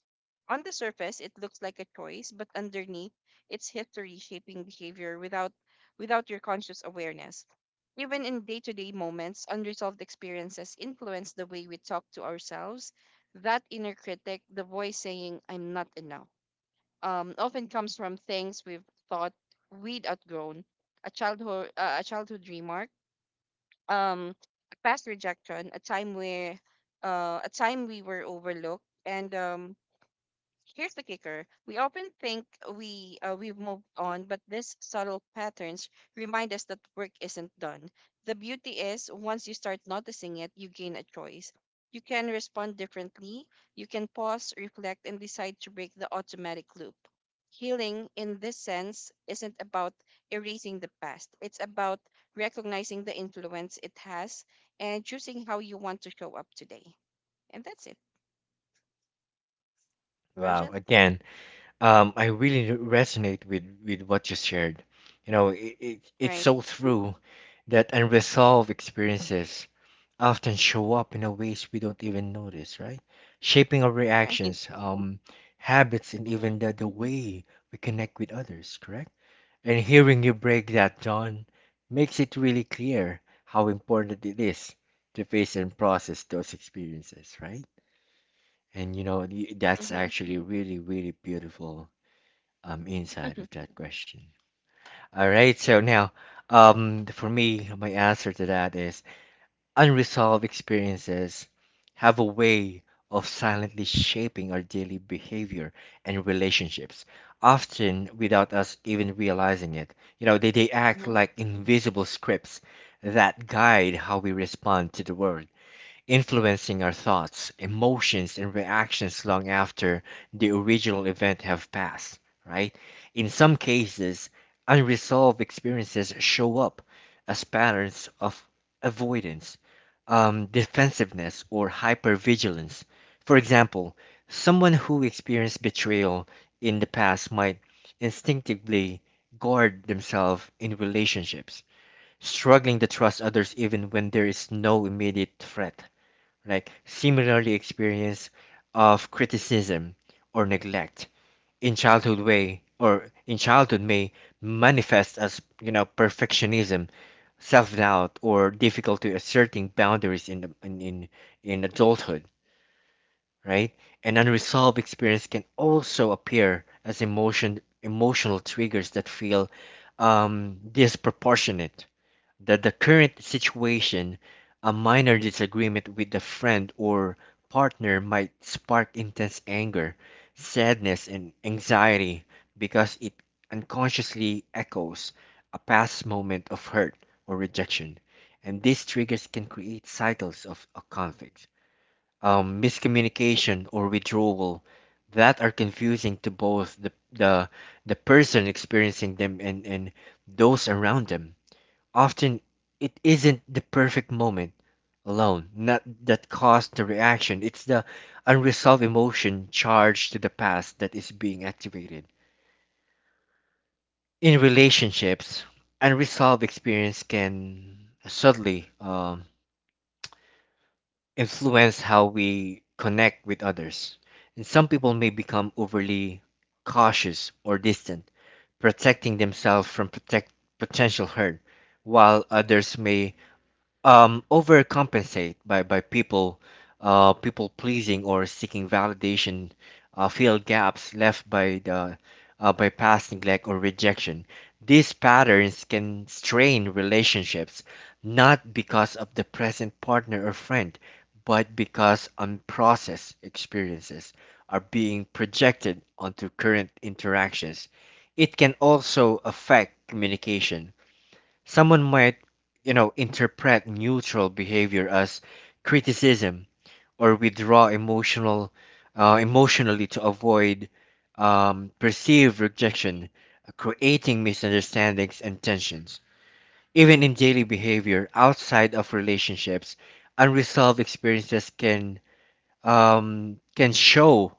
Speaker 2: On the surface, it looks like a choice, but underneath, it's history shaping behavior without without your conscious awareness. Even in day to day moments, unresolved experiences influence the way we talk to ourselves. That inner critic, the voice saying, I'm not enough, um, often comes from things we've thought we'd outgrown: a childhood, uh, a childhood remark, um, a past rejection, a time where uh, a time we were overlooked, and um, here's the kicker. We often think we uh, we've moved on, but these subtle patterns remind us that work isn't done. The beauty is, once you start noticing it, you gain a choice. You can respond differently. You can pause, reflect, and decide to break the automatic loop. Healing in this sense isn't about erasing the past. It's about recognizing the influence it has and choosing how you want to show up today. And that's it.
Speaker 1: Wow.
Speaker 2: Arjun?
Speaker 1: Again, Um, I really resonate with with what you shared. You know, it, it it's
Speaker 2: Right.
Speaker 1: so true that unresolved experiences often show up in a ways we don't even notice, right? Shaping our
Speaker 2: Right.
Speaker 1: reactions, um, habits, and even the, the way we connect with others, correct? And hearing you break that down makes it really clear how important it is to face and process those experiences, right? And you know, y- that's
Speaker 2: Mm-hmm.
Speaker 1: actually really, really beautiful um, inside of that question. All right, so now, um, for me, my answer to that is... unresolved experiences have a way of silently shaping our daily behavior and relationships, often without us even realizing it. You know, they, they
Speaker 2: Mm-hmm.
Speaker 1: act like invisible scripts that guide how we respond to the world, influencing our thoughts, emotions, and reactions long after the original event have passed, right? In some cases, unresolved experiences show up as patterns of avoidance, um, defensiveness, or hypervigilance. For example, someone who experienced betrayal in the past might instinctively guard themselves in relationships, struggling to trust others even when there is no immediate threat, like similarly experience of criticism or neglect in childhood way or in childhood may manifest as, you know, perfectionism, self-doubt, or difficulty asserting boundaries in, the, in in in adulthood, right? An unresolved experience can also appear as emotion emotional triggers that feel um disproportionate that the current situation. A minor disagreement with a friend or partner might spark intense anger, sadness, and anxiety because it unconsciously echoes a past moment of hurt or rejection. And these triggers can create cycles of a conflict, um, miscommunication, or withdrawal that are confusing to both the, the, the person experiencing them, and, and those around them. Often, it isn't the perfect moment alone not that caused the reaction, it's the unresolved emotion charged to the past that is being activated. In relationships, unresolved experience can subtly um, influence how we connect with others. And some people may become overly cautious or distant, protecting themselves from protect potential hurt, while others may um overcompensate by by people uh people pleasing or seeking validation, uh fill gaps left by the uh, by past neglect or rejection. These patterns can strain relationships not because of the present partner or friend, but because unprocessed experiences are being projected onto current interactions. It can also affect communication. Someone might, you know, interpret neutral behavior as criticism, or withdraw emotional, uh, emotionally to avoid um, perceived rejection, creating misunderstandings and tensions. Even in daily behavior outside of relationships, unresolved experiences can um, can show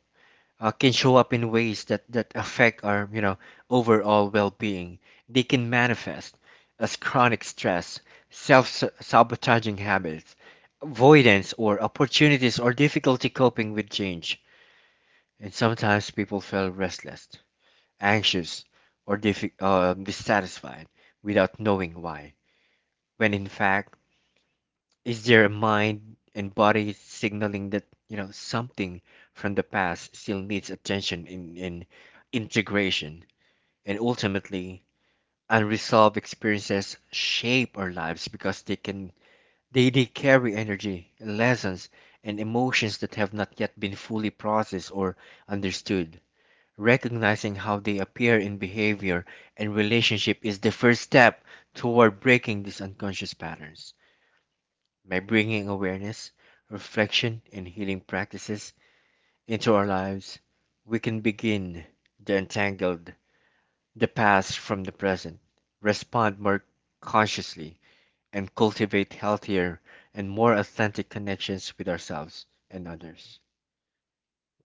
Speaker 1: uh, can show up in ways that, that affect our, you know, overall well-being. They can manifest as chronic stress, self-sabotaging habits, avoidance or opportunities or difficulty coping with change. And sometimes people feel restless, anxious, or diffi- uh, dissatisfied without knowing why, when in fact is there a mind and body signaling that, you know, something from the past still needs attention in, in integration? And ultimately, unresolved experiences shape our lives because they can they, they carry energy, lessons, and emotions that have not yet been fully processed or understood. Recognizing how they appear in behavior and relationship is the first step toward breaking these unconscious patterns. By bringing awareness, reflection, and healing practices into our lives, we can begin to untangle the past from the present, respond more consciously, and cultivate healthier and more authentic connections with ourselves and others.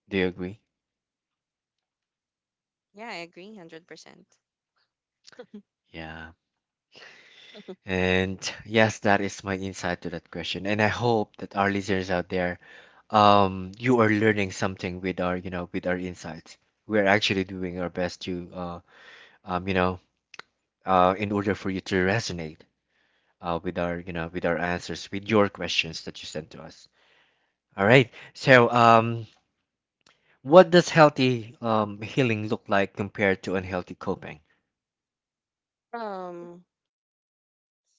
Speaker 1: Do you agree?
Speaker 2: Yeah, I agree, one hundred percent.
Speaker 1: Yeah. And yes, that is my insight to that question. And I hope that our listeners out there, um, you are learning something with our, you know, with our insights. We're actually doing our best to uh, um, you know, uh, in order for you to resonate uh, with our, you know, with our answers, with your questions that you sent to us. All
Speaker 2: Mm-hmm.
Speaker 1: right. So, um, what does healthy um, healing look like compared to unhealthy coping?
Speaker 2: Um,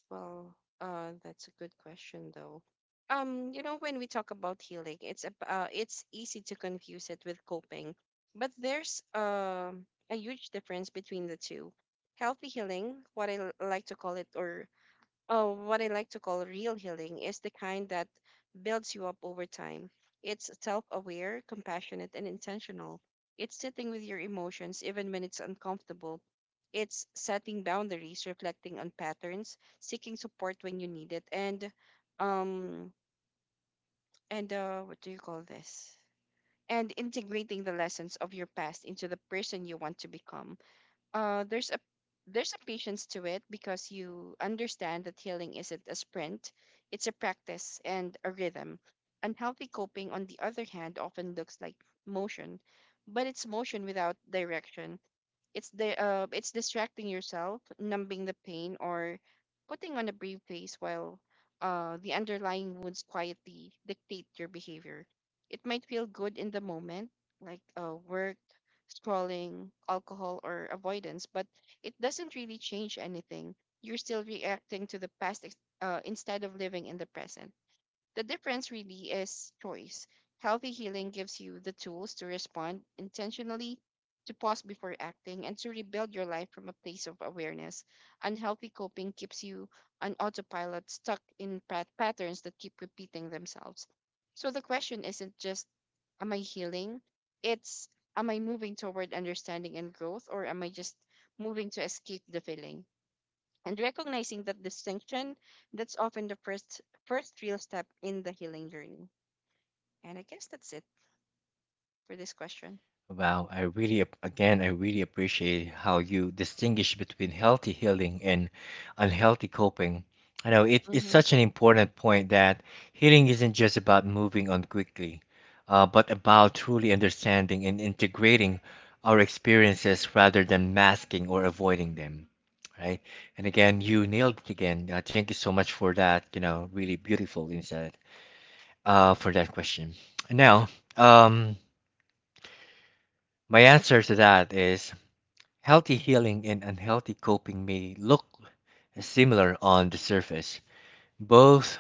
Speaker 2: well, uh, that's a good question, though. Um, you know, when we talk about healing, it's ab- uh, it's easy to confuse it with coping, but there's um a huge difference between the two. Healthy healing, what I l- like to call it, or Oh, what I like to call real healing is the kind that builds you up over time. It's self aware, compassionate, and intentional. It's sitting with your emotions even when it's uncomfortable. It's setting boundaries, reflecting on patterns, seeking support when you need it, and um and uh what do you call this? And integrating the lessons of your past into the person you want to become. Uh, there's a there's a patience to it because you understand that healing isn't a sprint, it's a practice and a rhythm. Unhealthy coping, on the other hand, often looks like motion, but it's motion without direction. It's the uh, it's distracting yourself, numbing the pain, or putting on a brave face while uh, the underlying wounds quietly dictate your behavior. It might feel good in the moment, like uh, work, scrolling, alcohol, or avoidance, but it doesn't really change anything. You're still reacting to the past ex- uh, instead of living in the present. The difference really is choice. Healthy healing gives you the tools to respond intentionally, to pause before acting, and to rebuild your life from a place of awareness. Unhealthy coping keeps you on autopilot, stuck in pat- patterns that keep repeating themselves. So the question isn't just, am I healing? It's, am I moving toward understanding and growth, or am I just moving to escape the feeling? And recognizing that distinction, that's often the first first real step in the healing journey. And I guess that's it for this question.
Speaker 1: Wow, I really, ap- again, I really appreciate how you distinguish between healthy healing and unhealthy coping. I know it, it's
Speaker 2: Mm-hmm.
Speaker 1: such an important point that healing isn't just about moving on quickly, uh, but about truly understanding and integrating our experiences rather than masking or avoiding them, right? And again, you nailed it again. Uh, thank you so much for that, you know, really beautiful insight, uh, for that question. Now, um, my answer to that is... healthy healing and unhealthy coping may look similar on the surface. Both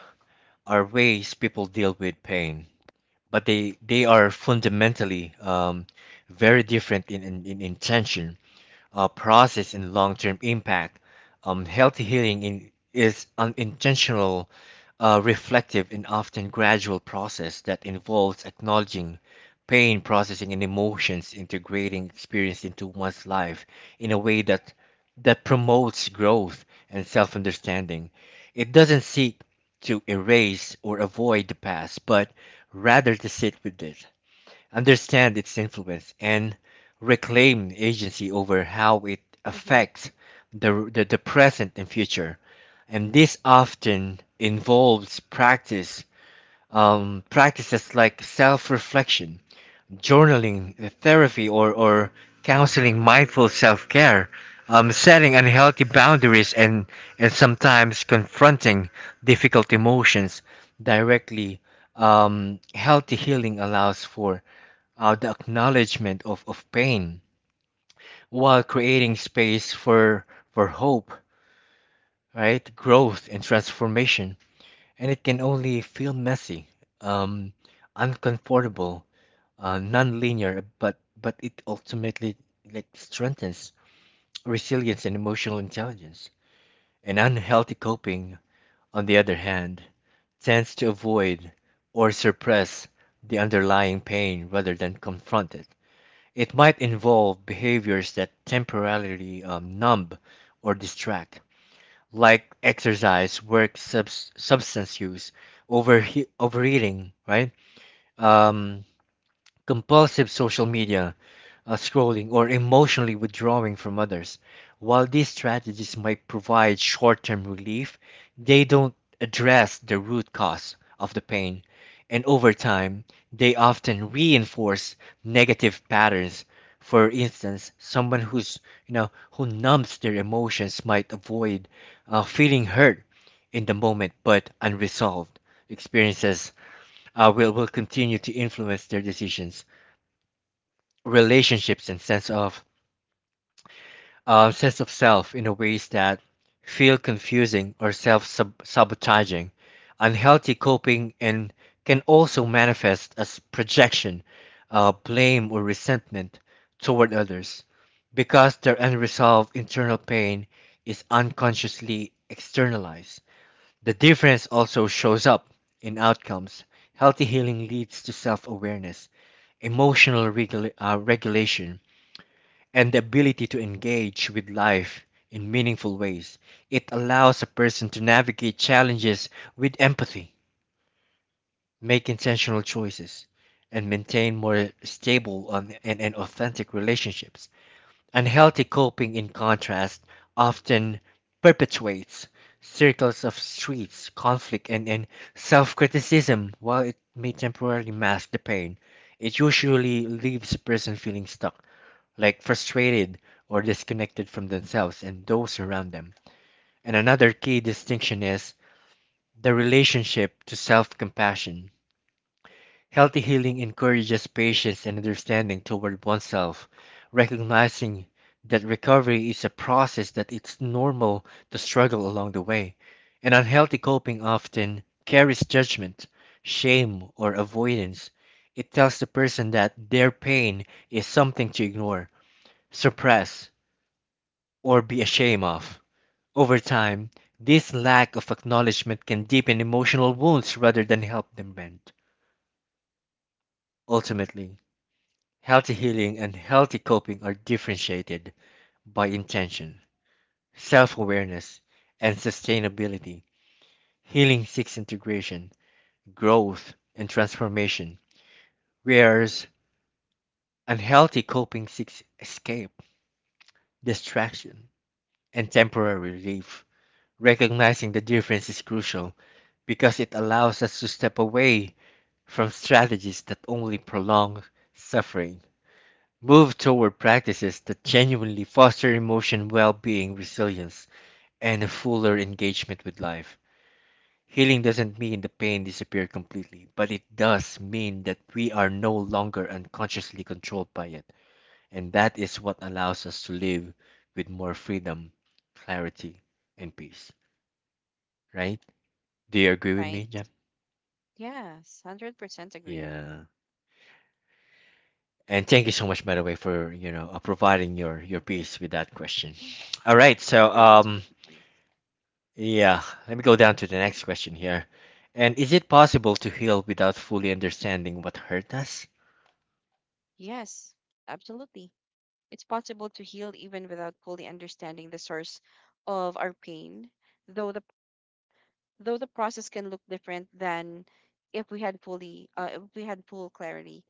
Speaker 1: are ways people deal with pain, but they, they are fundamentally um, very different in, in, in intention, uh, process, and long-term impact. Um, healthy healing in, is an intentional, uh, reflective, and often gradual process that involves acknowledging pain, processing, and emotions, integrating experience into one's life in a way that that promotes growth and self-understanding. It doesn't seek to erase or avoid the past, but rather to sit with it, understand its influence, and reclaim agency over how it
Speaker 2: Mm-hmm.
Speaker 1: affects the, the, the present and future. And this often involves practice, um, practices like self reflection, journaling, uh, therapy, or, or counseling, mindful self care, um, setting unhealthy boundaries, and, and sometimes confronting difficult emotions directly. Um, healthy healing allows for uh, the acknowledgement of, of pain while creating space for, for hope, right? Growth and transformation. And it can only feel messy, um, uncomfortable, uh, non-linear, but but it ultimately like strengthens resilience and emotional intelligence. And unhealthy coping, on the other hand, tends to avoid or suppress the underlying pain rather than confront it. It might involve behaviors that temporarily um, numb or distract, like exercise, work, subs- substance use, overhe- overeating, right? Um, Compulsive social media uh, scrolling, or emotionally withdrawing from others. While these strategies might provide short term relief, they don't address the root cause of the pain. And over time, they often reinforce negative patterns. For instance, someone who's you know who numbs their emotions might avoid uh, feeling hurt in the moment, but unresolved experiences uh, will will continue to influence their decisions, relationships, and sense of uh, sense of self in a ways that feel confusing or self sabotaging. Unhealthy coping and can also manifest as projection, uh, blame, or resentment toward others, because their unresolved internal pain is unconsciously externalized. The difference also shows up in outcomes. Healthy healing leads to self awareness, emotional regula- uh, regulation, and the ability to engage with life in meaningful ways. It allows a person to navigate challenges with empathy, make intentional choices, and maintain more stable and, and, and authentic relationships. Unhealthy coping, in contrast, often perpetuates circles of streets, conflict, and, and self criticism. While it may temporarily mask the pain, it usually leaves a person feeling stuck, like frustrated or disconnected from themselves and those around them. And another key distinction is the relationship to self compassion. Healthy healing encourages patience and understanding toward oneself, recognizing that recovery is a process, that it's normal to struggle along the way. And unhealthy coping often carries judgment, shame, or avoidance. It tells the person that their pain is something to ignore, suppress, or be ashamed of. Over time, this lack of acknowledgement can deepen emotional wounds rather than help them mend. Ultimately, healthy healing and healthy coping are differentiated by intention, self awareness, and sustainability. Healing seeks integration, growth, and transformation, whereas unhealthy coping seeks escape, distraction, and temporary relief. Recognizing the difference is crucial because it allows us to step away from strategies that only prolong suffering, move toward practices that genuinely foster emotion well being, resilience, and a fuller engagement with life. Healing doesn't mean the pain disappeared completely, but it does mean that we are no longer unconsciously controlled by it. And that is what allows us to live with more freedom, clarity, and peace. Right? Do you agree with
Speaker 2: Right.
Speaker 1: me, Jem?
Speaker 2: Yes. Hundred percent agree.
Speaker 1: Yeah. And thank you so much, by the way, for you know uh, providing your your piece with that question.
Speaker 2: Mm.
Speaker 1: All
Speaker 2: Yeah.
Speaker 1: right. So
Speaker 2: Never want to
Speaker 1: um
Speaker 2: disappoint.
Speaker 1: yeah, let me go down to the
Speaker 2: Mm.
Speaker 1: next question here. And is it possible to heal without fully understanding what hurt us?
Speaker 2: Yes. Absolutely. It's possible to heal even without fully understanding the source of our pain, though the though the process can look different than if we had fully uh, if we had full clarity.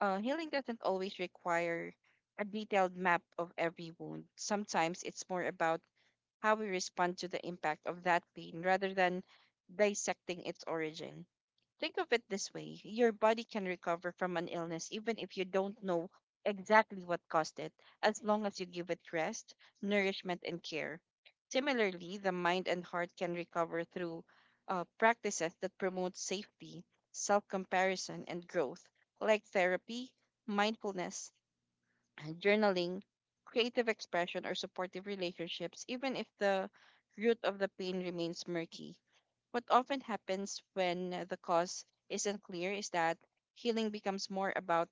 Speaker 2: uh, Healing doesn't always require a detailed map of every wound. Sometimes it's more about how we respond to the impact of that pain rather than dissecting its origin. Think of it this way: your body can recover from an illness even if you don't know exactly what caused it, as long as you give it rest, nourishment, and care. Similarly, the mind and heart can recover through uh, practices that promote safety, self comparison, and growth, like therapy, mindfulness, and journaling, creative expression, or supportive relationships, even if the root of the pain remains murky. What often happens when the cause isn't clear is that healing becomes more about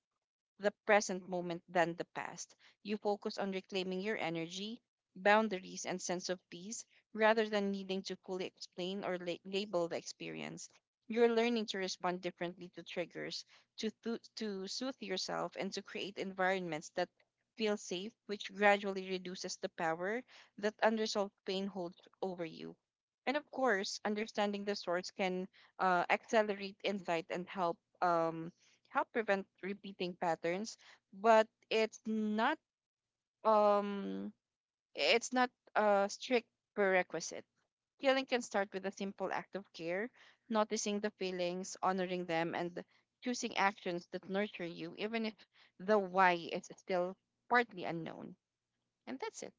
Speaker 2: the present moment than the past. You focus on reclaiming your energy, boundaries, and sense of peace rather than needing to fully explain or la- label the experience. You're learning to respond differently to triggers, to, thu- to soothe yourself, and to create environments that feel safe, which gradually reduces the power that unresolved pain holds over you. And of course, understanding the source can uh, accelerate insight and help um, help prevent repeating patterns, but it's not um it's not a strict prerequisite. Healing can start with a simple act of care: noticing the feelings, honoring them, and choosing actions that nurture you, even if the why is still partly unknown. And that's it.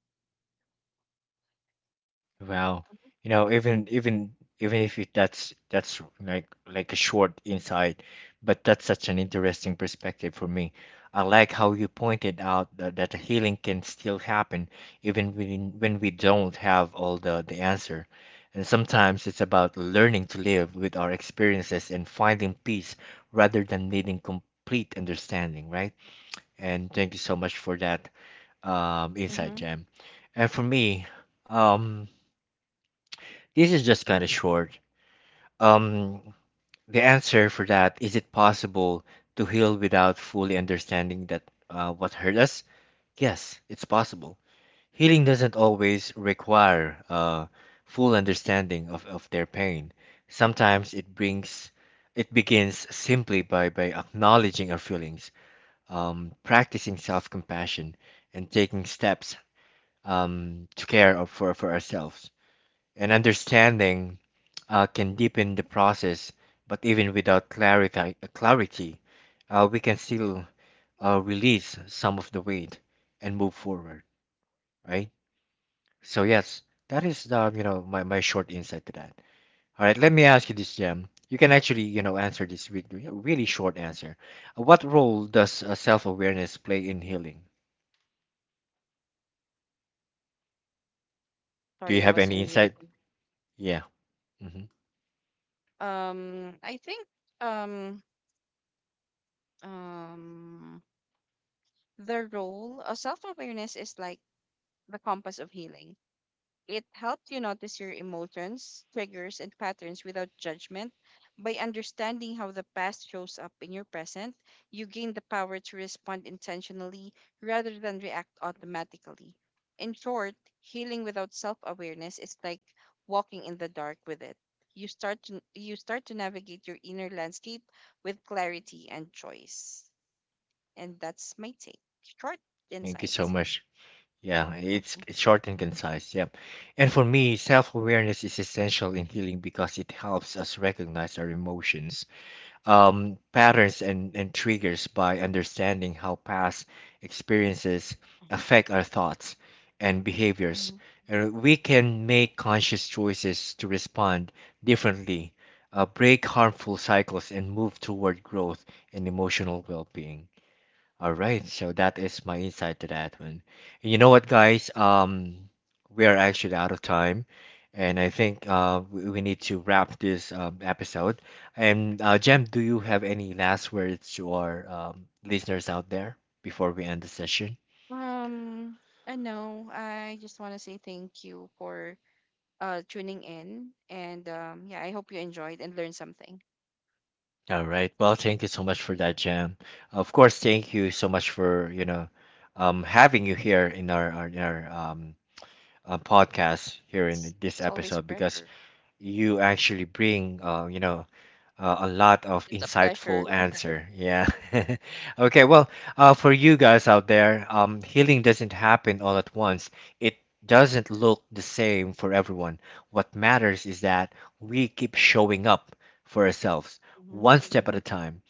Speaker 1: Wow. You know, even even even if it, that's that's like like a short insight, but that's such an interesting perspective for me. I like how you pointed out that, that the healing can still happen even when when we don't have all the the answer. And sometimes it's about learning to live with our experiences and finding peace rather than needing complete understanding, right? And thank you so much for that um, insight,
Speaker 2: Mm-hmm.
Speaker 1: Jam. And for me, um, this is just kind of short. Um, the answer for that is, it possible to heal without fully understanding that uh, what hurt us? Yes, it's possible. Healing doesn't always require uh, full understanding of, of their pain. Sometimes it brings it begins simply by, by acknowledging our feelings, um, practicing self-compassion, and taking steps um, to care of, for, for ourselves. And understanding uh, can deepen the process, but even without clarity, clarity uh, we can still uh, release some of the weight and move forward, right? So yes, that is the you know my, my short insight to that. All right, let me ask you this, Jam. You can actually you know answer this with a really short answer. Uh, What role does uh, self awareness play in healing? Do
Speaker 2: Sorry,
Speaker 1: you
Speaker 2: I
Speaker 1: have
Speaker 2: was
Speaker 1: any
Speaker 2: on mute.
Speaker 1: insight? Yeah. Hmm.
Speaker 2: Um, I think, um um the role of self awareness is like the compass of healing. It helps you notice your emotions, triggers, and patterns without judgment. By understanding how the past shows up in your present, you gain the power to respond intentionally rather than react automatically. In short, healing without self-awareness is like walking in the dark with it. You start to you start to navigate your inner landscape with clarity and choice. And that's my take. Short
Speaker 1: Thank you so
Speaker 2: insight.
Speaker 1: much. Yeah,
Speaker 2: Mhm,
Speaker 1: it's it's short and concise. Yep. And for me, self-awareness is essential in healing because it helps us recognize our emotions, um, patterns, and, and triggers by understanding how past experiences affect our thoughts and behaviors.
Speaker 2: mhm.
Speaker 1: And we can make conscious choices to respond differently, uh, break harmful cycles, and move toward growth and emotional well-being. All right, so that is my insight to that one. And you know what, guys? Um, we are actually out of time, and I think uh, we we need to wrap this um, episode. And uh, Jem, do you have any last words to our um, listeners out there before we end the session?
Speaker 2: Um, I know. I just want to say thank you for uh tuning in, and um, yeah, I hope you enjoyed and learned something.
Speaker 1: All right. Well, thank you so much for that, Jam. Of course, thank you so much for you know um, having you here in our our, our um, uh, podcast here
Speaker 2: It's
Speaker 1: in this
Speaker 2: it's always a
Speaker 1: episode because
Speaker 2: pleasure.
Speaker 1: you actually bring uh, you know uh, a lot of
Speaker 2: It's a pleasure.
Speaker 1: insightful answer. Yeah. Okay, well, uh, for you guys out there, um, healing doesn't happen all at once. It doesn't look the same for everyone. What matters is that we keep showing up for ourselves
Speaker 2: Hmm.
Speaker 1: one step at a time.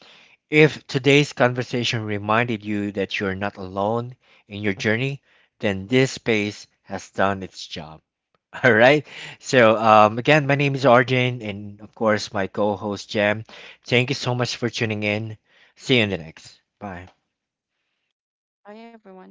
Speaker 1: If today's conversation reminded you that you're not alone in your journey, then this space has done its job. All right. So, um, again, my name is Arjun, and of course, my co host, Jam. Thank you so much for tuning in. See you in the next. Bye.
Speaker 2: Bye, everyone.